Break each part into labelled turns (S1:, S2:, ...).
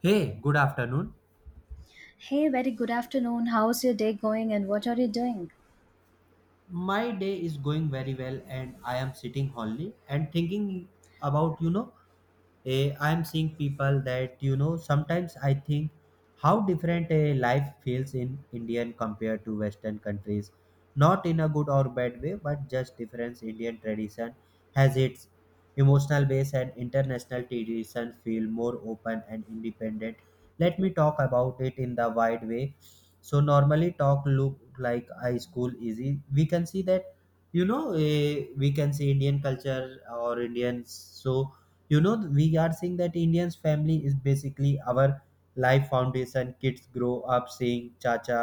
S1: Hey, good afternoon.
S2: Hey, very good afternoon. How's your day going and what are you doing?
S1: My day is going very well and I am sitting only and thinking about, I'm seeing people that sometimes I think how different a life feels in Indian compared to Western countries. Not in a good or bad way, but just difference. Indian tradition has its emotional base and international tradition feel more open and independent. Let me talk about it in the wide way. So normally talk look like high school easy. We can see that we can see Indian culture or Indians, so we are seeing that indians family is basically our life foundation, kids grow up seeing chacha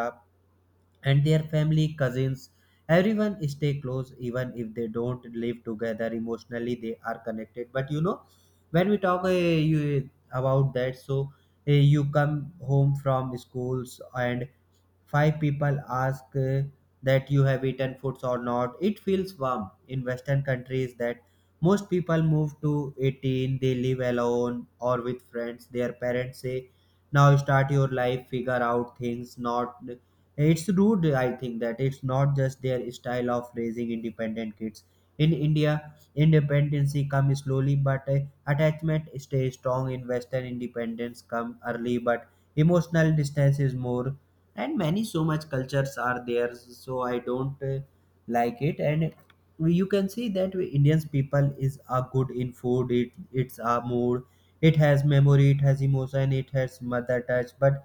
S1: and their family cousins, everyone stay close, even if they don't live together emotionally they are connected. But when we talk about that, so you come home from schools and five people ask that you have eaten foods or not. It feels warm in Western countries that most people move to 18, they live alone or with friends. Their parents say, now start your life, figure out things. Not it's rude, I think, that it's not just their style of raising independent kids. In India, independence comes slowly, but attachment stays strong. In Western, independence come early, but emotional distance is more, and many so much cultures are there, so I don't like it. And you can see that indians people is are good in food, it's a mood, it has memory, it has emotion, it has mother touch. But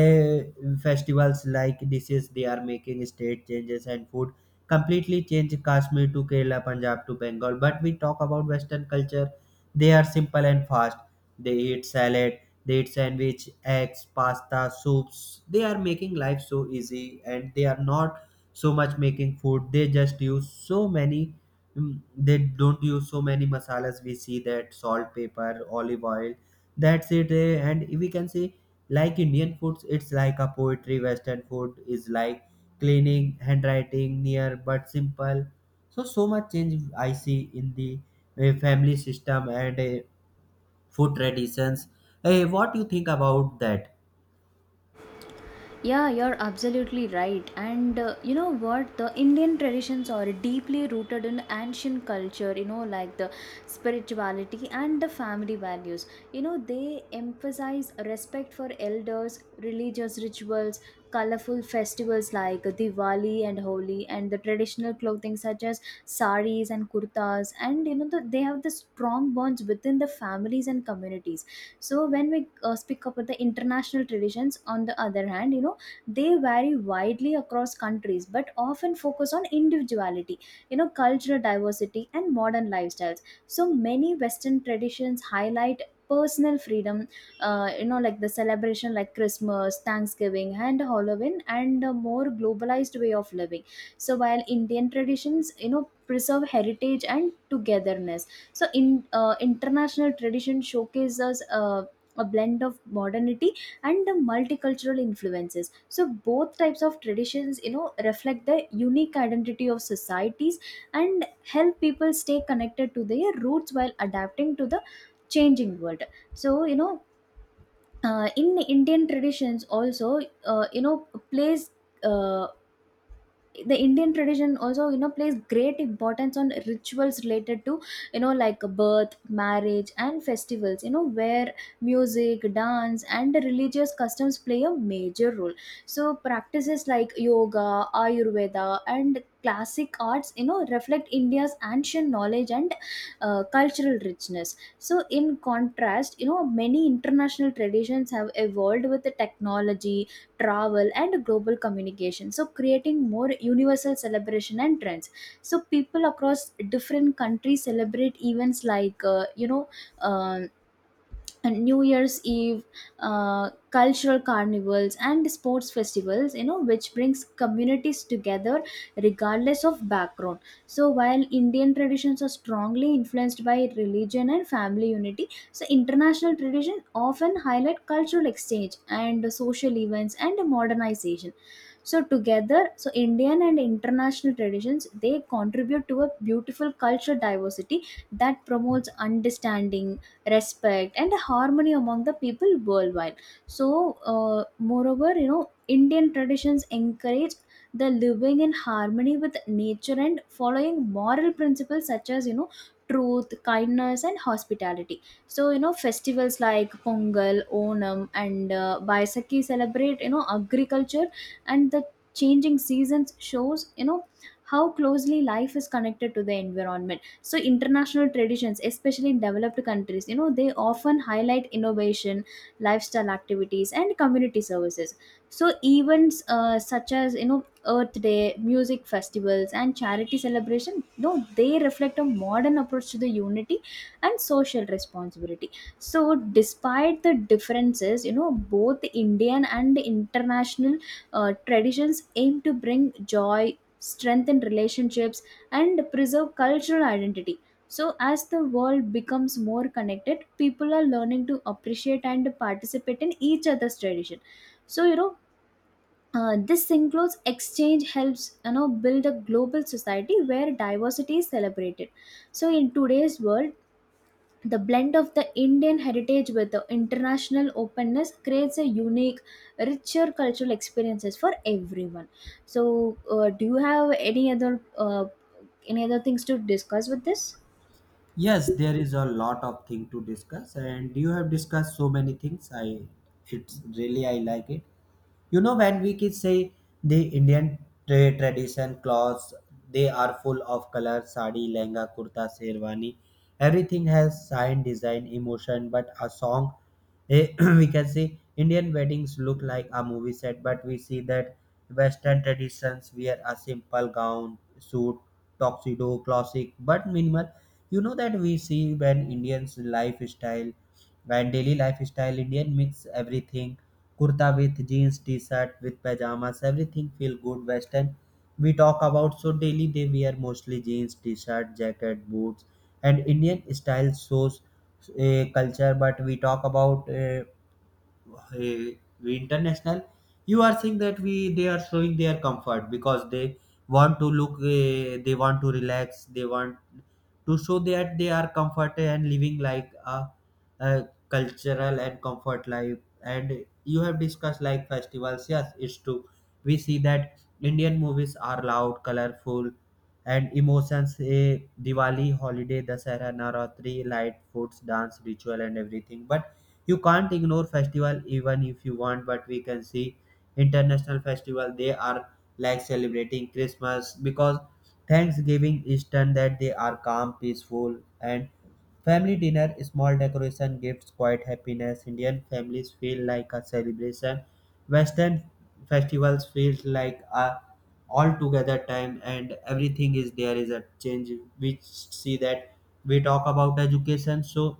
S1: uh, festivals like dishes they are making state changes and food completely change, kashmir to kerala, punjab to bengal. But we talk about western culture, they are simple and fast, they eat salad, date sandwich, eggs, pasta, soups. They are making life so easy and they are not so much making food. They just use so many, they don't use so many masalas. We see that salt, pepper, olive oil. That's it. And we can say, like Indian foods, it's like a poetry. Western food is like cleaning, handwriting, near but simple. So, so much change I see in the family system and food traditions. Hey, what do you think about that?
S2: Yeah, you're absolutely right. And you know what? The Indian traditions are deeply rooted in ancient culture, you know, like the spirituality and the family values. You know, they emphasize respect for elders, religious rituals, colorful festivals like Diwali and Holi, and the traditional clothing such as saris and kurtas. And you know, they have the strong bonds within the families and communities. So when we speak about the international traditions, on the other hand, you know, they vary widely across countries, but often focus on individuality, you know, cultural diversity and modern lifestyles. So many western traditions highlight personal freedom, you know, like the celebration like Christmas, Thanksgiving and Halloween, and a more globalized way of living. So while Indian traditions, you know, preserve heritage and togetherness, so in international tradition showcases a blend of modernity and the multicultural influences. So both types of traditions, you know, reflect the unique identity of societies and help people stay connected to their roots while adapting to the changing world. So you know, in indian traditions also you know plays uh, the Indian tradition also, you know, plays great importance on rituals related to, you know, like birth, marriage and festivals, you know, where music, dance and religious customs play a major role. So practices like yoga, Ayurveda and classic arts, you know, reflect India's ancient knowledge and cultural richness. So in contrast, you know, many international traditions have evolved with the technology, travel and global communication, so creating more universal celebration and trends. So people across different countries celebrate events like um and New Year's Eve, cultural carnivals, and sports festivals, you know, which brings communities together regardless of background. So, while Indian traditions are strongly influenced by religion and family unity, so international tradition often highlight cultural exchange and social events and modernization. So together, so Indian and international traditions they contribute to a beautiful cultural diversity that promotes understanding, respect and harmony among the people worldwide. So moreover, you know, Indian traditions encourage the living in harmony with nature and following moral principles such as, you know, truth, kindness and hospitality. So you know festivals like Pongal, Onam and Baisakhi celebrate, you know, agriculture and the changing seasons, shows you know how closely life is connected to the environment. So international traditions, especially in developed countries, you know, they often highlight innovation, lifestyle activities and community services. So events such as, you know, Earth Day, music festivals and charity celebration, you know, they reflect a modern approach to the unity and social responsibility. So despite the differences, you know, both Indian and international traditions aim to bring joy, strengthen relationships and preserve cultural identity. So, as the world becomes more connected, people are learning to appreciate and participate in each other's tradition. So, you know, this includes exchange helps, you know, build a global society where diversity is celebrated. So, in today's world, the blend of the Indian heritage with the international openness creates a unique, richer cultural experiences for everyone. So, do you have any other any other things to discuss with this?
S1: Yes, there is a lot of thing to discuss, and you have discussed so many things. I, it's really I like it. You know when we kids say the indian tradition clothes, they are full of color, sari, lehenga, kurta, sherwani, everything has sign, design, emotion but a song. eh, we can see indian weddings look like a movie set, but we see that western traditions wear a simple gown, suit, tuxedo, classic but minimal. You know that we see when indians lifestyle, when daily lifestyle indian mix everything, kurta with jeans, t-shirt with pajamas, everything feel good. Western, we talk about, so daily they wear mostly jeans, t-shirt, jacket, boots. And indian style shows a culture, but we talk about eh, we international. You are saying that we they are showing their comfort, because they want to look, they want to relax, they want to show that they are comfortable and living like a cultural and comfort life. And you have discussed like festivals, yes it's true, we see that indian movies are loud, colorful, and emotions, a diwali, holiday, dasara, navaratri, light, foods, dance, ritual, and everything, but you can't ignore festival even if you want. But we can see international festival, they are like celebrating christmas, because thanksgiving is done, that they are calm, peaceful, and family dinner, small decoration, gifts, quiet happiness. Indian families feel like a celebration, western festivals feels like a all together time and everything is there, is a change. We see that, we talk about education, so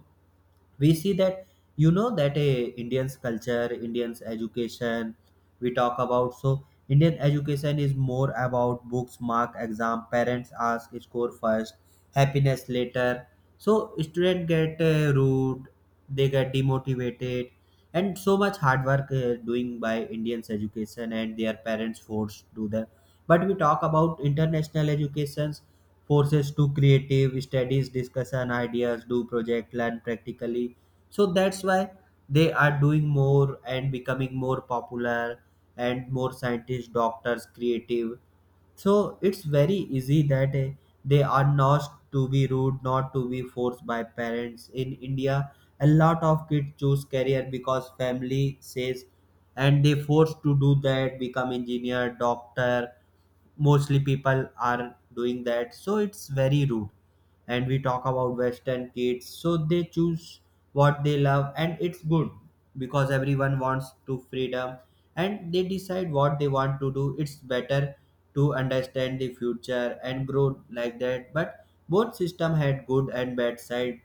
S1: we see that, you know that a indians culture indians education, we talk about, so indian education is more about books, mark, exam, parents ask score first, happiness later. So student get rude, they get demotivated, and so much hard work doing by indians education and their parents forced to do that. But we talk about international educations, forces to creative studies, discussion, ideas, do project, learn practically, so that's why they are doing more and becoming more popular, and more scientists, doctors, creative. So it's very easy that they are not to be rude, not to be forced by parents. In india, a lot of kids choose career because family says, and they forced to do that, become engineer, doctor. Mostly people are doing that, so it's very rude. And we talk about western kids, so they choose what they love and it's good, because everyone wants to freedom and they decide what they want to do, it's better to understand the future and grow like that. But both system had good and bad side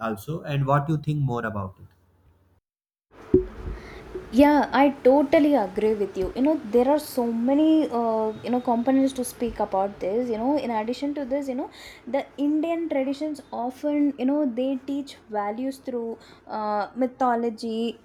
S1: also. And what you think more about it?
S2: Yeah, I totally agree with you. You know, there are so many you know components to speak about this. You know, in addition to this, you know, the Indian traditions often, you know, they teach values through mythology,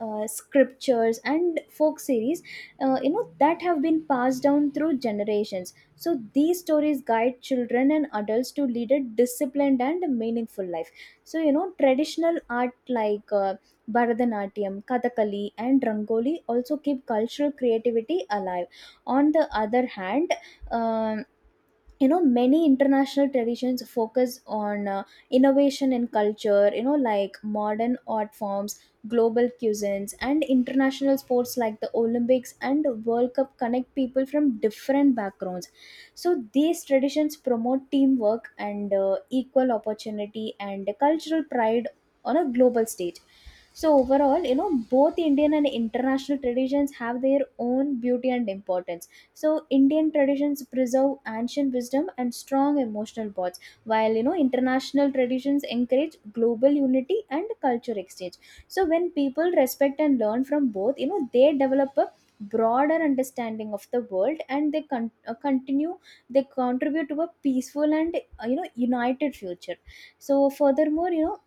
S2: scriptures and folk series, you know, that have been passed down through generations. So these stories guide children and adults to lead a disciplined and meaningful life. So you know traditional art like Bharatanatyam, Kathakali and rangoli also keep cultural creativity alive. On the other hand, um, you know, many international traditions focus on innovation in culture, you know, like modern art forms, global cuisines and international sports like the Olympics and World Cup connect people from different backgrounds. So these traditions promote teamwork and equal opportunity and cultural pride on a global stage. So overall, you know, both Indian and international traditions have their own beauty and importance. So Indian traditions preserve ancient wisdom and strong emotional bonds, while, you know, international traditions encourage global unity and culture exchange. So when people respect and learn from both, you know, they develop a broader understanding of the world and they continue, they contribute to a peaceful and, you know, united future. So furthermore, you know,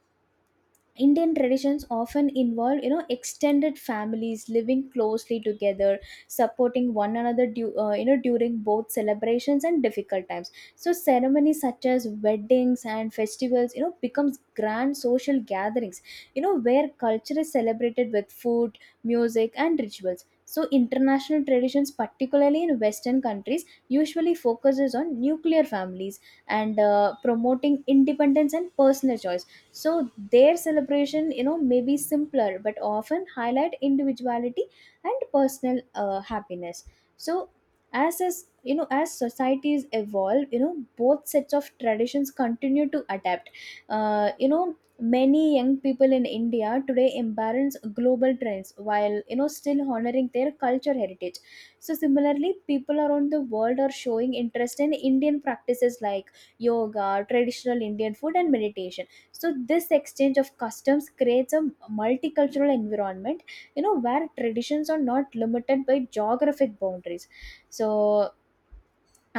S2: Indian traditions often involve, you know, extended families living closely together, supporting one another, you know, during both celebrations and difficult times. So ceremonies such as weddings and festivals, you know, becomes grand social gatherings, you know, where culture is celebrated with food, music, and rituals. So international traditions, particularly in Western countries, usually focuses on nuclear families and promoting independence and personal choice. So their celebration, you know, may be simpler, but often highlight individuality and personal happiness. So as you know, as societies evolve, you know, both sets of traditions continue to adapt. You know, many young people in India today embrace global trends while, you know, still honoring their culture heritage. So similarly people around the world are showing interest in Indian practices like yoga, traditional Indian food and meditation. So this exchange of customs creates a multicultural environment, you know, where traditions are not limited by geographic boundaries. So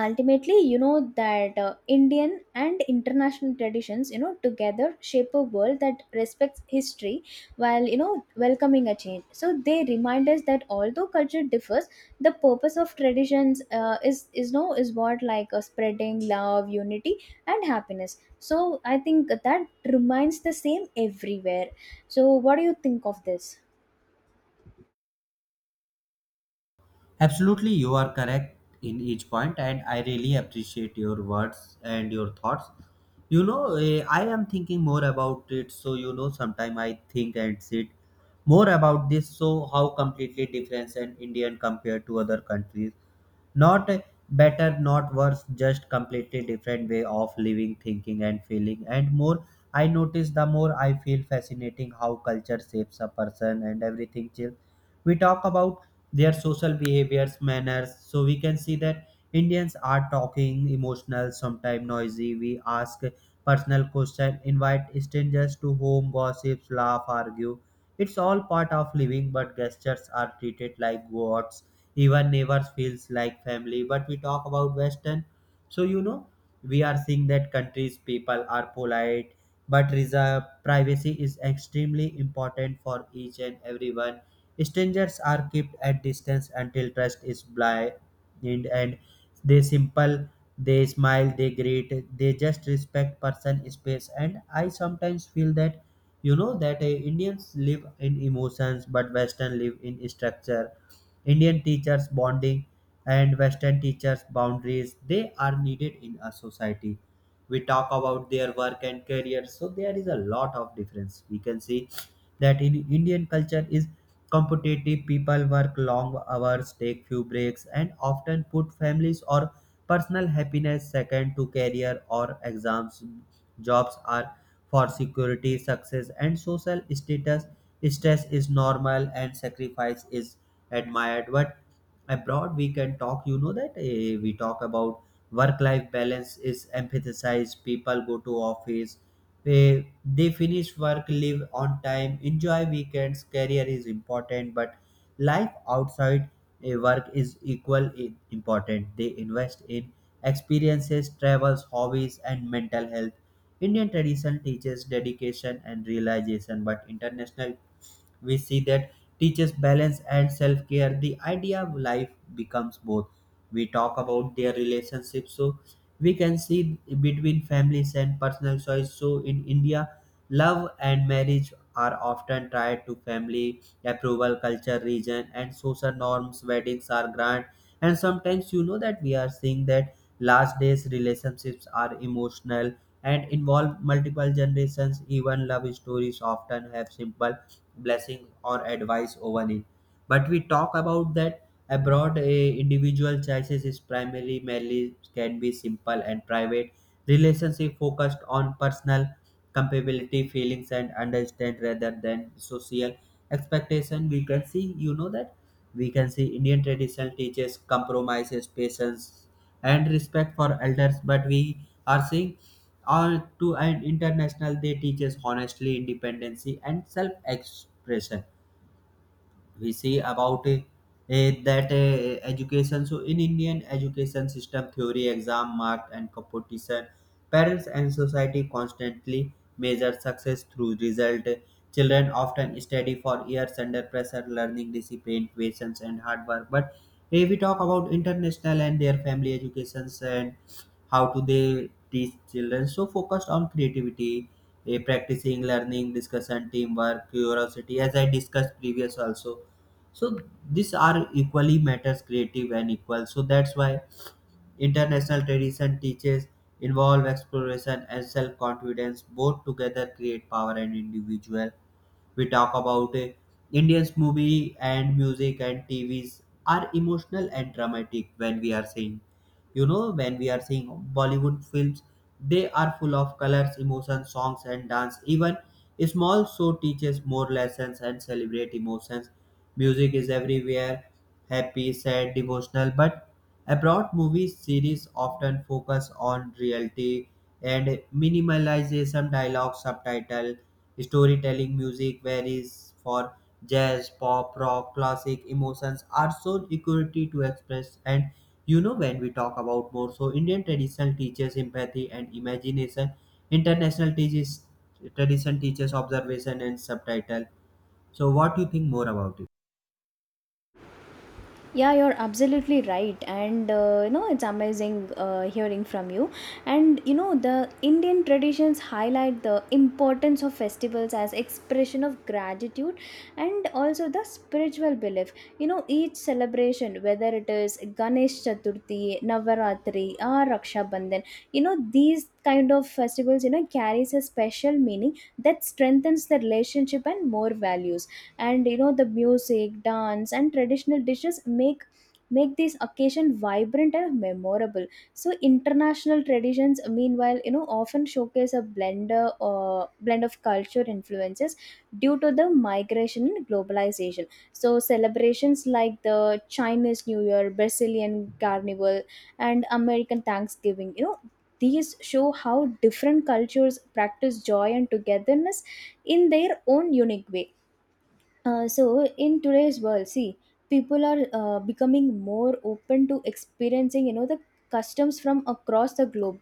S2: ultimately, you know, that Indian and international traditions, you know, together shape a world that respects history, while, you know, welcoming a change. So they remind us that although culture differs, the purpose of traditions, is no is what like spreading love, unity and happiness. So I think that remains the same everywhere. So what do you think of this?
S1: Absolutely, you are correct in each point, and I really appreciate your words and your thoughts. You know, I am thinking more about it, so you know, sometime I think and sit more about this. So, how completely different an Indian compared to other countries, not better, not worse, just completely different way of living, thinking, and feeling. And more I notice, the more I feel fascinating how culture shapes a person and everything. Chill. We talk about their social behaviors, manners, so we can see that Indians are talking, emotional, sometimes noisy. We ask personal questions, invite strangers to home, gossips, laugh, argue. It's all part of living, but gestures are treated like gods, even neighbors feels like family. But we talk about western, so you know, we are seeing that countries people are polite, but reserve, privacy is extremely important for each and everyone, strangers are kept at distance until trust is blind. And they simple, they smile, they greet, they just respect person space. And I sometimes feel that you know that indians live in emotions but western live in structure. Indian teachers bonding and Western teachers boundaries. They are needed in a society. We talk about their work and career, so there is a lot of difference. We can see that in Indian culture is competitive. People work long hours, take few breaks, and often put families or personal happiness second to career or exams. Jobs are for security, success, and social status. Stress is normal, and sacrifice is admired. But abroad, we can talk, you know, that we talk about work life balance is emphasized. People go to office, they finish work, live on time, enjoy weekends. Career is important, but life outside work is equal important. They invest in experiences, travels, hobbies, and mental health. Indian tradition teaches dedication and realization, but international we see that teaches balance and self-care, the idea of life becomes both. We talk about their relationship, so we can see between families and personal choice. So in india, love and marriage are often tied to family approval, culture, region, and social norms, weddings are grand, and sometimes you know that we are seeing that last days relationships are emotional and involve multiple generations, even love stories often have simple blessing or advice over it. But we talk about that abroad, a individual choices is primarily merely, can be simple and private, relationship focused on personal compatibility, feelings, and understand rather than social expectation. We can see you know that, we can see indian tradition teaches compromises, patience, and respect for elders. But we are seeing or to an international, they teach us honestly, independency, and self-expression. We see about that education. So in indian education system, theory, exam, mark, and competition, parents and society constantly measure success through result, children often study for years under pressure learning discipline, patience, and hard work. But if we talk about international and their family educations, and how do they teach children, so focused on creativity, practicing learning, discussion, teamwork, curiosity, as I discussed previous also. So these are equally matters, creative and equal, so that's why international tradition teaches involve exploration and self-confidence, both together create power and individual. We talk about indians movie and music and tvs are emotional and dramatic. When we are seeing, you know, when we are seeing bollywood films, they are full of colors, emotions, songs, and dance, even small show teaches more lessons and celebrate emotions. Music is everywhere, happy, sad, devotional. But abroad, movie series often focus on reality and minimalization, dialogue, subtitle, storytelling, music varies for jazz, pop, rock, classic. Emotions are so equity to express. And you know, when we talk about more, so Indian traditional teaches empathy and imagination. International teaches, tradition teaches observation and subtitle. So, what do you think more about it?
S2: Yeah, you're absolutely right, and you know, it's amazing hearing from you. And you know the Indian traditions highlight the importance of festivals as expression of gratitude and also the spiritual belief. You know each celebration, whether it is Ganesh Chaturthi, Navaratri, or Raksha Bandhan, you know these kind of festivals, you know, carries a special meaning that strengthens the relationship and more values. And you know the music, dance and traditional dishes make this occasion vibrant and memorable. So international traditions meanwhile, you know, often showcase a blender or blend of culture influences due to the migration and globalization. So celebrations like the Chinese New Year, Brazilian Carnival and American Thanksgiving, you know, these show how different cultures practice joy and togetherness in their own unique way. So in today's world see, people are becoming more open to experiencing, you know, the customs from across the globe.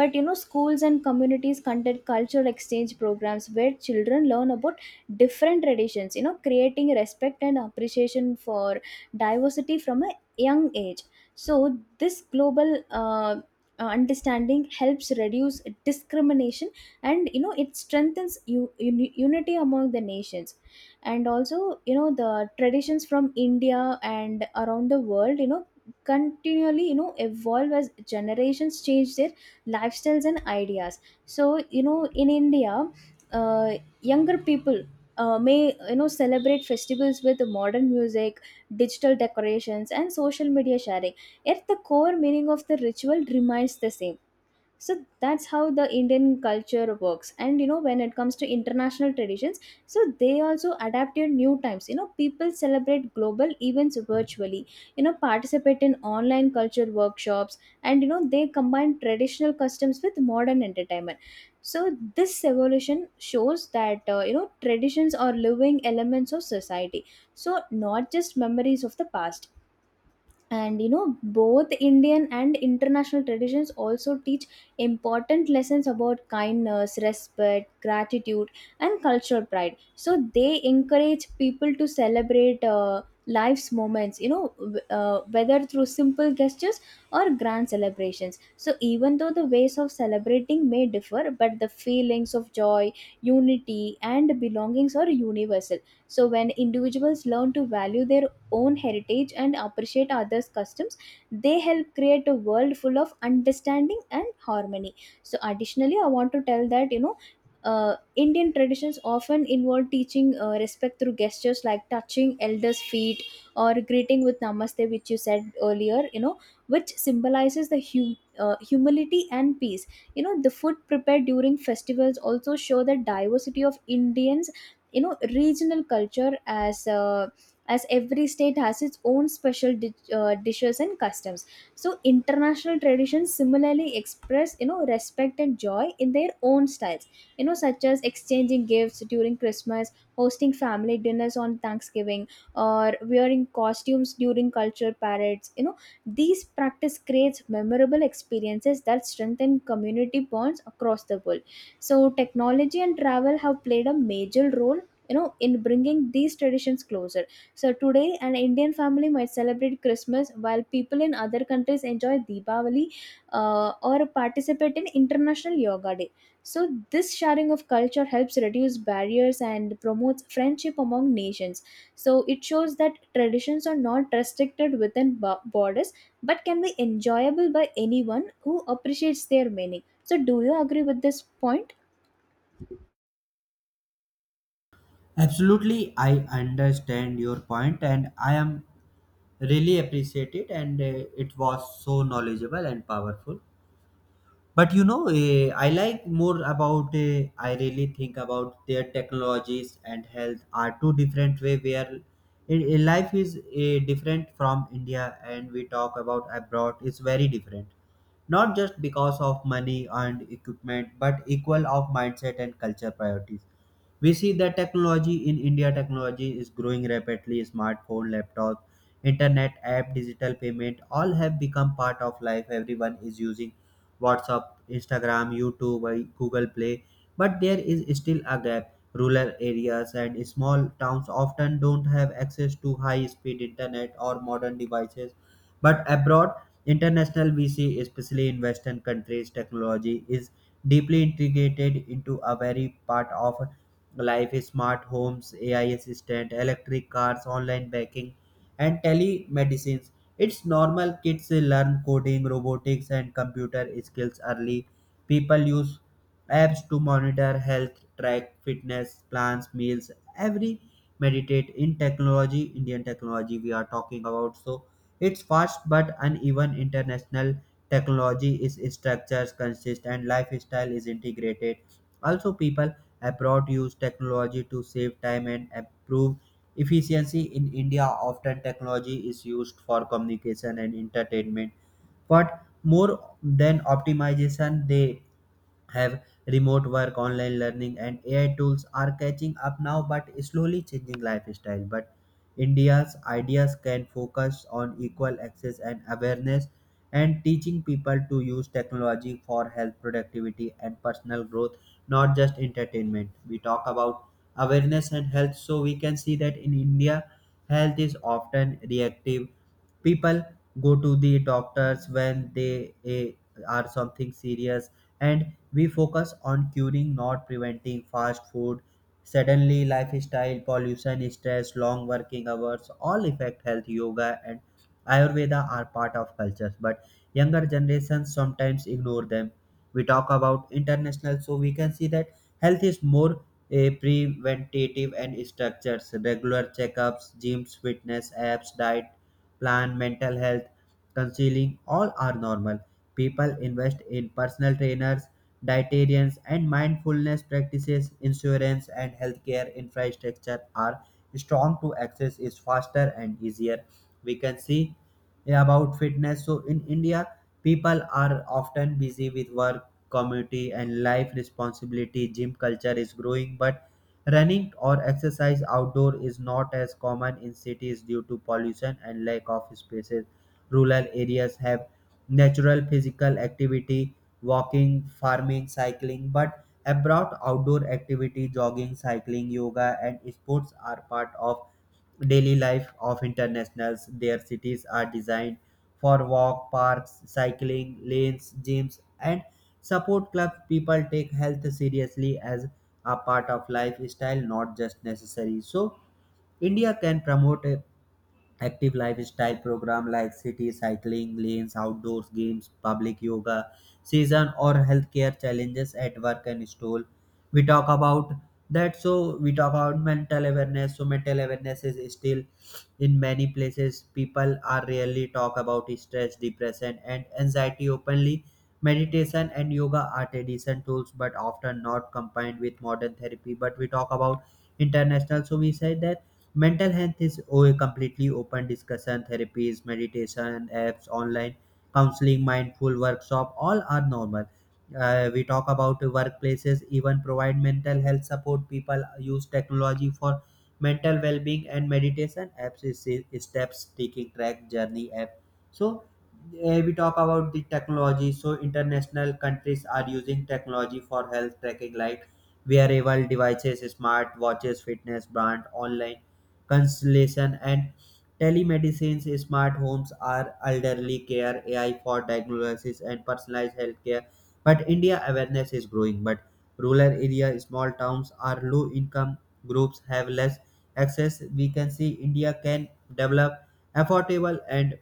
S2: But you know schools and communities conduct cultural exchange programs where children learn about different traditions, you know, creating respect and appreciation for diversity from a young age. So this global understanding helps reduce discrimination, and you know it strengthens unity among the nations. And also, you know, the traditions from India and around the world, you know, continually, you know, evolve as generations change their lifestyles and ideas. So you know in India, uh, younger people may, you know, celebrate festivals with modern music, digital decorations and social media sharing, yet the core meaning of the ritual remains the same. So that's how the Indian culture works. And you know when it comes to international traditions, so they also adapt to new times. You know people celebrate global events virtually, you know, participate in online culture workshops, and you know they combine traditional customs with modern entertainment. So this evolution shows that, you know, traditions are living elements of society, so not just memories of the past. And you know both Indian and international traditions also teach important lessons about kindness, respect, gratitude and cultural pride. So they encourage people to celebrate life's moments, you know, whether through simple gestures or grand celebrations. So even though the ways of celebrating may differ, but the feelings of joy, unity and belongings are universal. So when individuals learn to value their own heritage and appreciate others' customs, they help create a world full of understanding and harmony. So, additionally, I want to tell that you know. Indian traditions often involve teaching respect through gestures like touching elders' feet or greeting with namaste, which you said earlier, you know, which symbolizes the humility and peace. You know, the food prepared during festivals also show the diversity of Indians, you know, regional culture, as every state has its own special dishes and customs. So international traditions similarly express, you know, respect and joy in their own styles, you know, such as exchanging gifts during Christmas, hosting family dinners on Thanksgiving, or wearing costumes during culture parades. You know these practice creates memorable experiences that strengthen community bonds across the world. So technology and travel have played a major role, you know, in bringing these traditions closer. So today, an Indian family might celebrate Christmas while people in other countries enjoy Deepavali, or participate in International Yoga Day. So this sharing of culture helps reduce barriers and promotes friendship among nations. So it shows that traditions are not restricted within borders, but can be enjoyable by anyone who appreciates their meaning. So do you agree with this point?
S1: Absolutely, I understand your point, and I am really appreciate it. And it was so knowledgeable and powerful. But I like more about I really think about their technologies and health are two different way where life is different from India. And we talk about abroad is very different, not just because of money and equipment, but equal of mindset and culture priorities. We see that technology in India, technology is growing rapidly. Smartphone, laptop, internet app, digital payment, all have become part of life. Everyone is using WhatsApp, Instagram, YouTube, Google Play, but there is still a gap. Rural areas and small towns often don't have access to high speed internet or modern devices. But abroad, international VC, especially in Western countries, technology is deeply integrated into a very part of life. Smart homes, AI assistant, electric cars, online banking and telemedicines. It's normal, kids learn coding, robotics, and computer skills early. People use apps to monitor health, track fitness, plans, meals, every meditate in technology, Indian technology we are talking about. So it's fast but uneven. International technology is structures consist and lifestyle is integrated. Also, people abroad use technology to save time and improve efficiency. In India, often technology is used for communication and entertainment, but more than optimization, they have remote work, online learning, and AI tools are catching up now but slowly changing lifestyle. But India's ideas can focus on equal access and awareness and teaching people to use technology for health, productivity, and personal growth, not just entertainment. We talk about awareness and health, so we can see that in India health is often reactive. People go to the doctors when they are something serious, and we focus on curing, not preventing. Fast food, suddenly lifestyle, pollution, stress, long working hours, all affect health. Yoga and ayurveda are part of cultures, but younger generations sometimes ignore them. We talk about international, so we can see that health is more a preventative and structures. Regular checkups, gyms, fitness apps, diet plan, mental health, counseling, all are normal. People invest in personal trainers, dietarians, and mindfulness practices. Insurance and healthcare infrastructure are strong to access is faster and easier. We can see about fitness. So in India, people are often busy with work, community and life responsibility. Gym culture is growing, but running or exercise outdoor is not as common in cities due to pollution and lack of spaces. Rural areas have natural physical activity, walking, farming, cycling. But abroad, outdoor activity, jogging, cycling, yoga and sports are part of daily life of internationals. Their cities are designed for walk, parks, cycling, lanes, gyms, and support club. People take health seriously as a part of lifestyle, not just necessary. So India can promote active lifestyle program like city cycling lanes, outdoors games, public yoga, season or healthcare challenges at work and school. We talk about that. So we talk about mental awareness. So mental awareness is still in many places. People are rarely talk about stress, depression, and anxiety openly. Meditation and yoga are tradition tools, but often not combined with modern therapy. But we talk about international. So we said that mental health is a completely open discussion. Therapies, meditation apps, online counseling, mindful workshop, all are normal. We talk about workplaces, even provide mental health support. People use technology for mental well-being and meditation apps is steps taking track journey app. So we talk about the technology. So international countries are using technology for health tracking like wearable devices, smart watches, fitness brand, online constellation and telemedicine. Smart homes are elderly care, AI for diagnosis and personalized healthcare. But India, awareness is growing, but rural area, small towns are low income groups have less access. We can see India can develop affordable and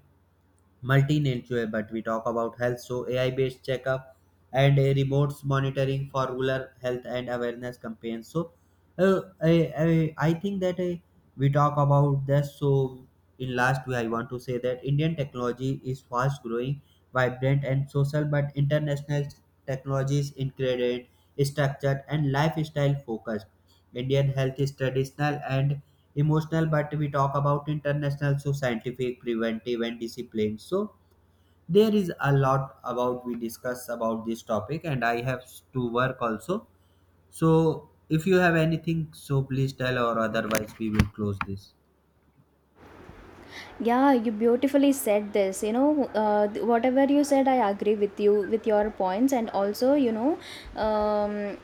S1: multi-nature, but we talk about health. So AI-based checkup and a remote monitoring for rural health and awareness campaigns. So I think that we talk about this. So in last way, I want to say that Indian technology is fast growing, vibrant and social, but international technology is incredible, structured and lifestyle focused. Indian health is traditional and emotional, but we talk about international, so scientific, preventive and discipline. So there is a lot about we discuss about this topic and I have to work also. So if you have anything, so please tell, or otherwise we will close this.
S2: Yeah, you beautifully said this. You know, whatever you said, I agree with you with your points, and also, you know, um,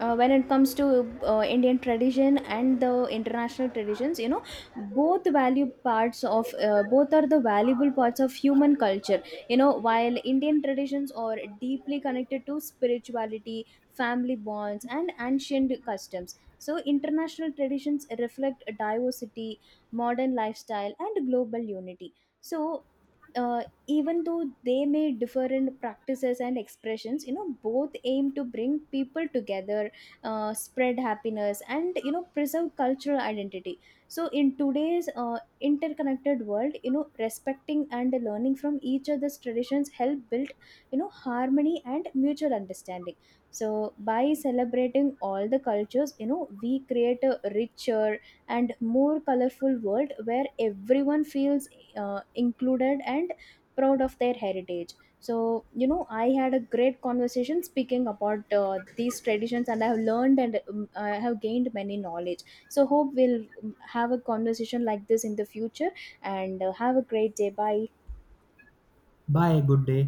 S2: when it comes to Indian tradition and the international traditions, you know, both are the valuable parts of human culture. You know, while Indian traditions are deeply connected to spirituality, family bonds, and ancient customs. So, international traditions reflect diversity, modern lifestyle, and global unity. So, even though they may differ in practices and expressions, you know, both aim to bring people together, spread happiness, and you know preserve cultural identity. So in today's interconnected world, you know, respecting and learning from each other's traditions help build, you know, harmony and mutual understanding. So by celebrating all the cultures, you know, we create a richer and more colorful world where everyone feels included and proud of their heritage. So you know I had a great conversation speaking about these traditions, and I have learned, and I have gained many knowledge. So hope we'll have a conversation like this in the future. And have a great day, bye.
S1: Bye, good day.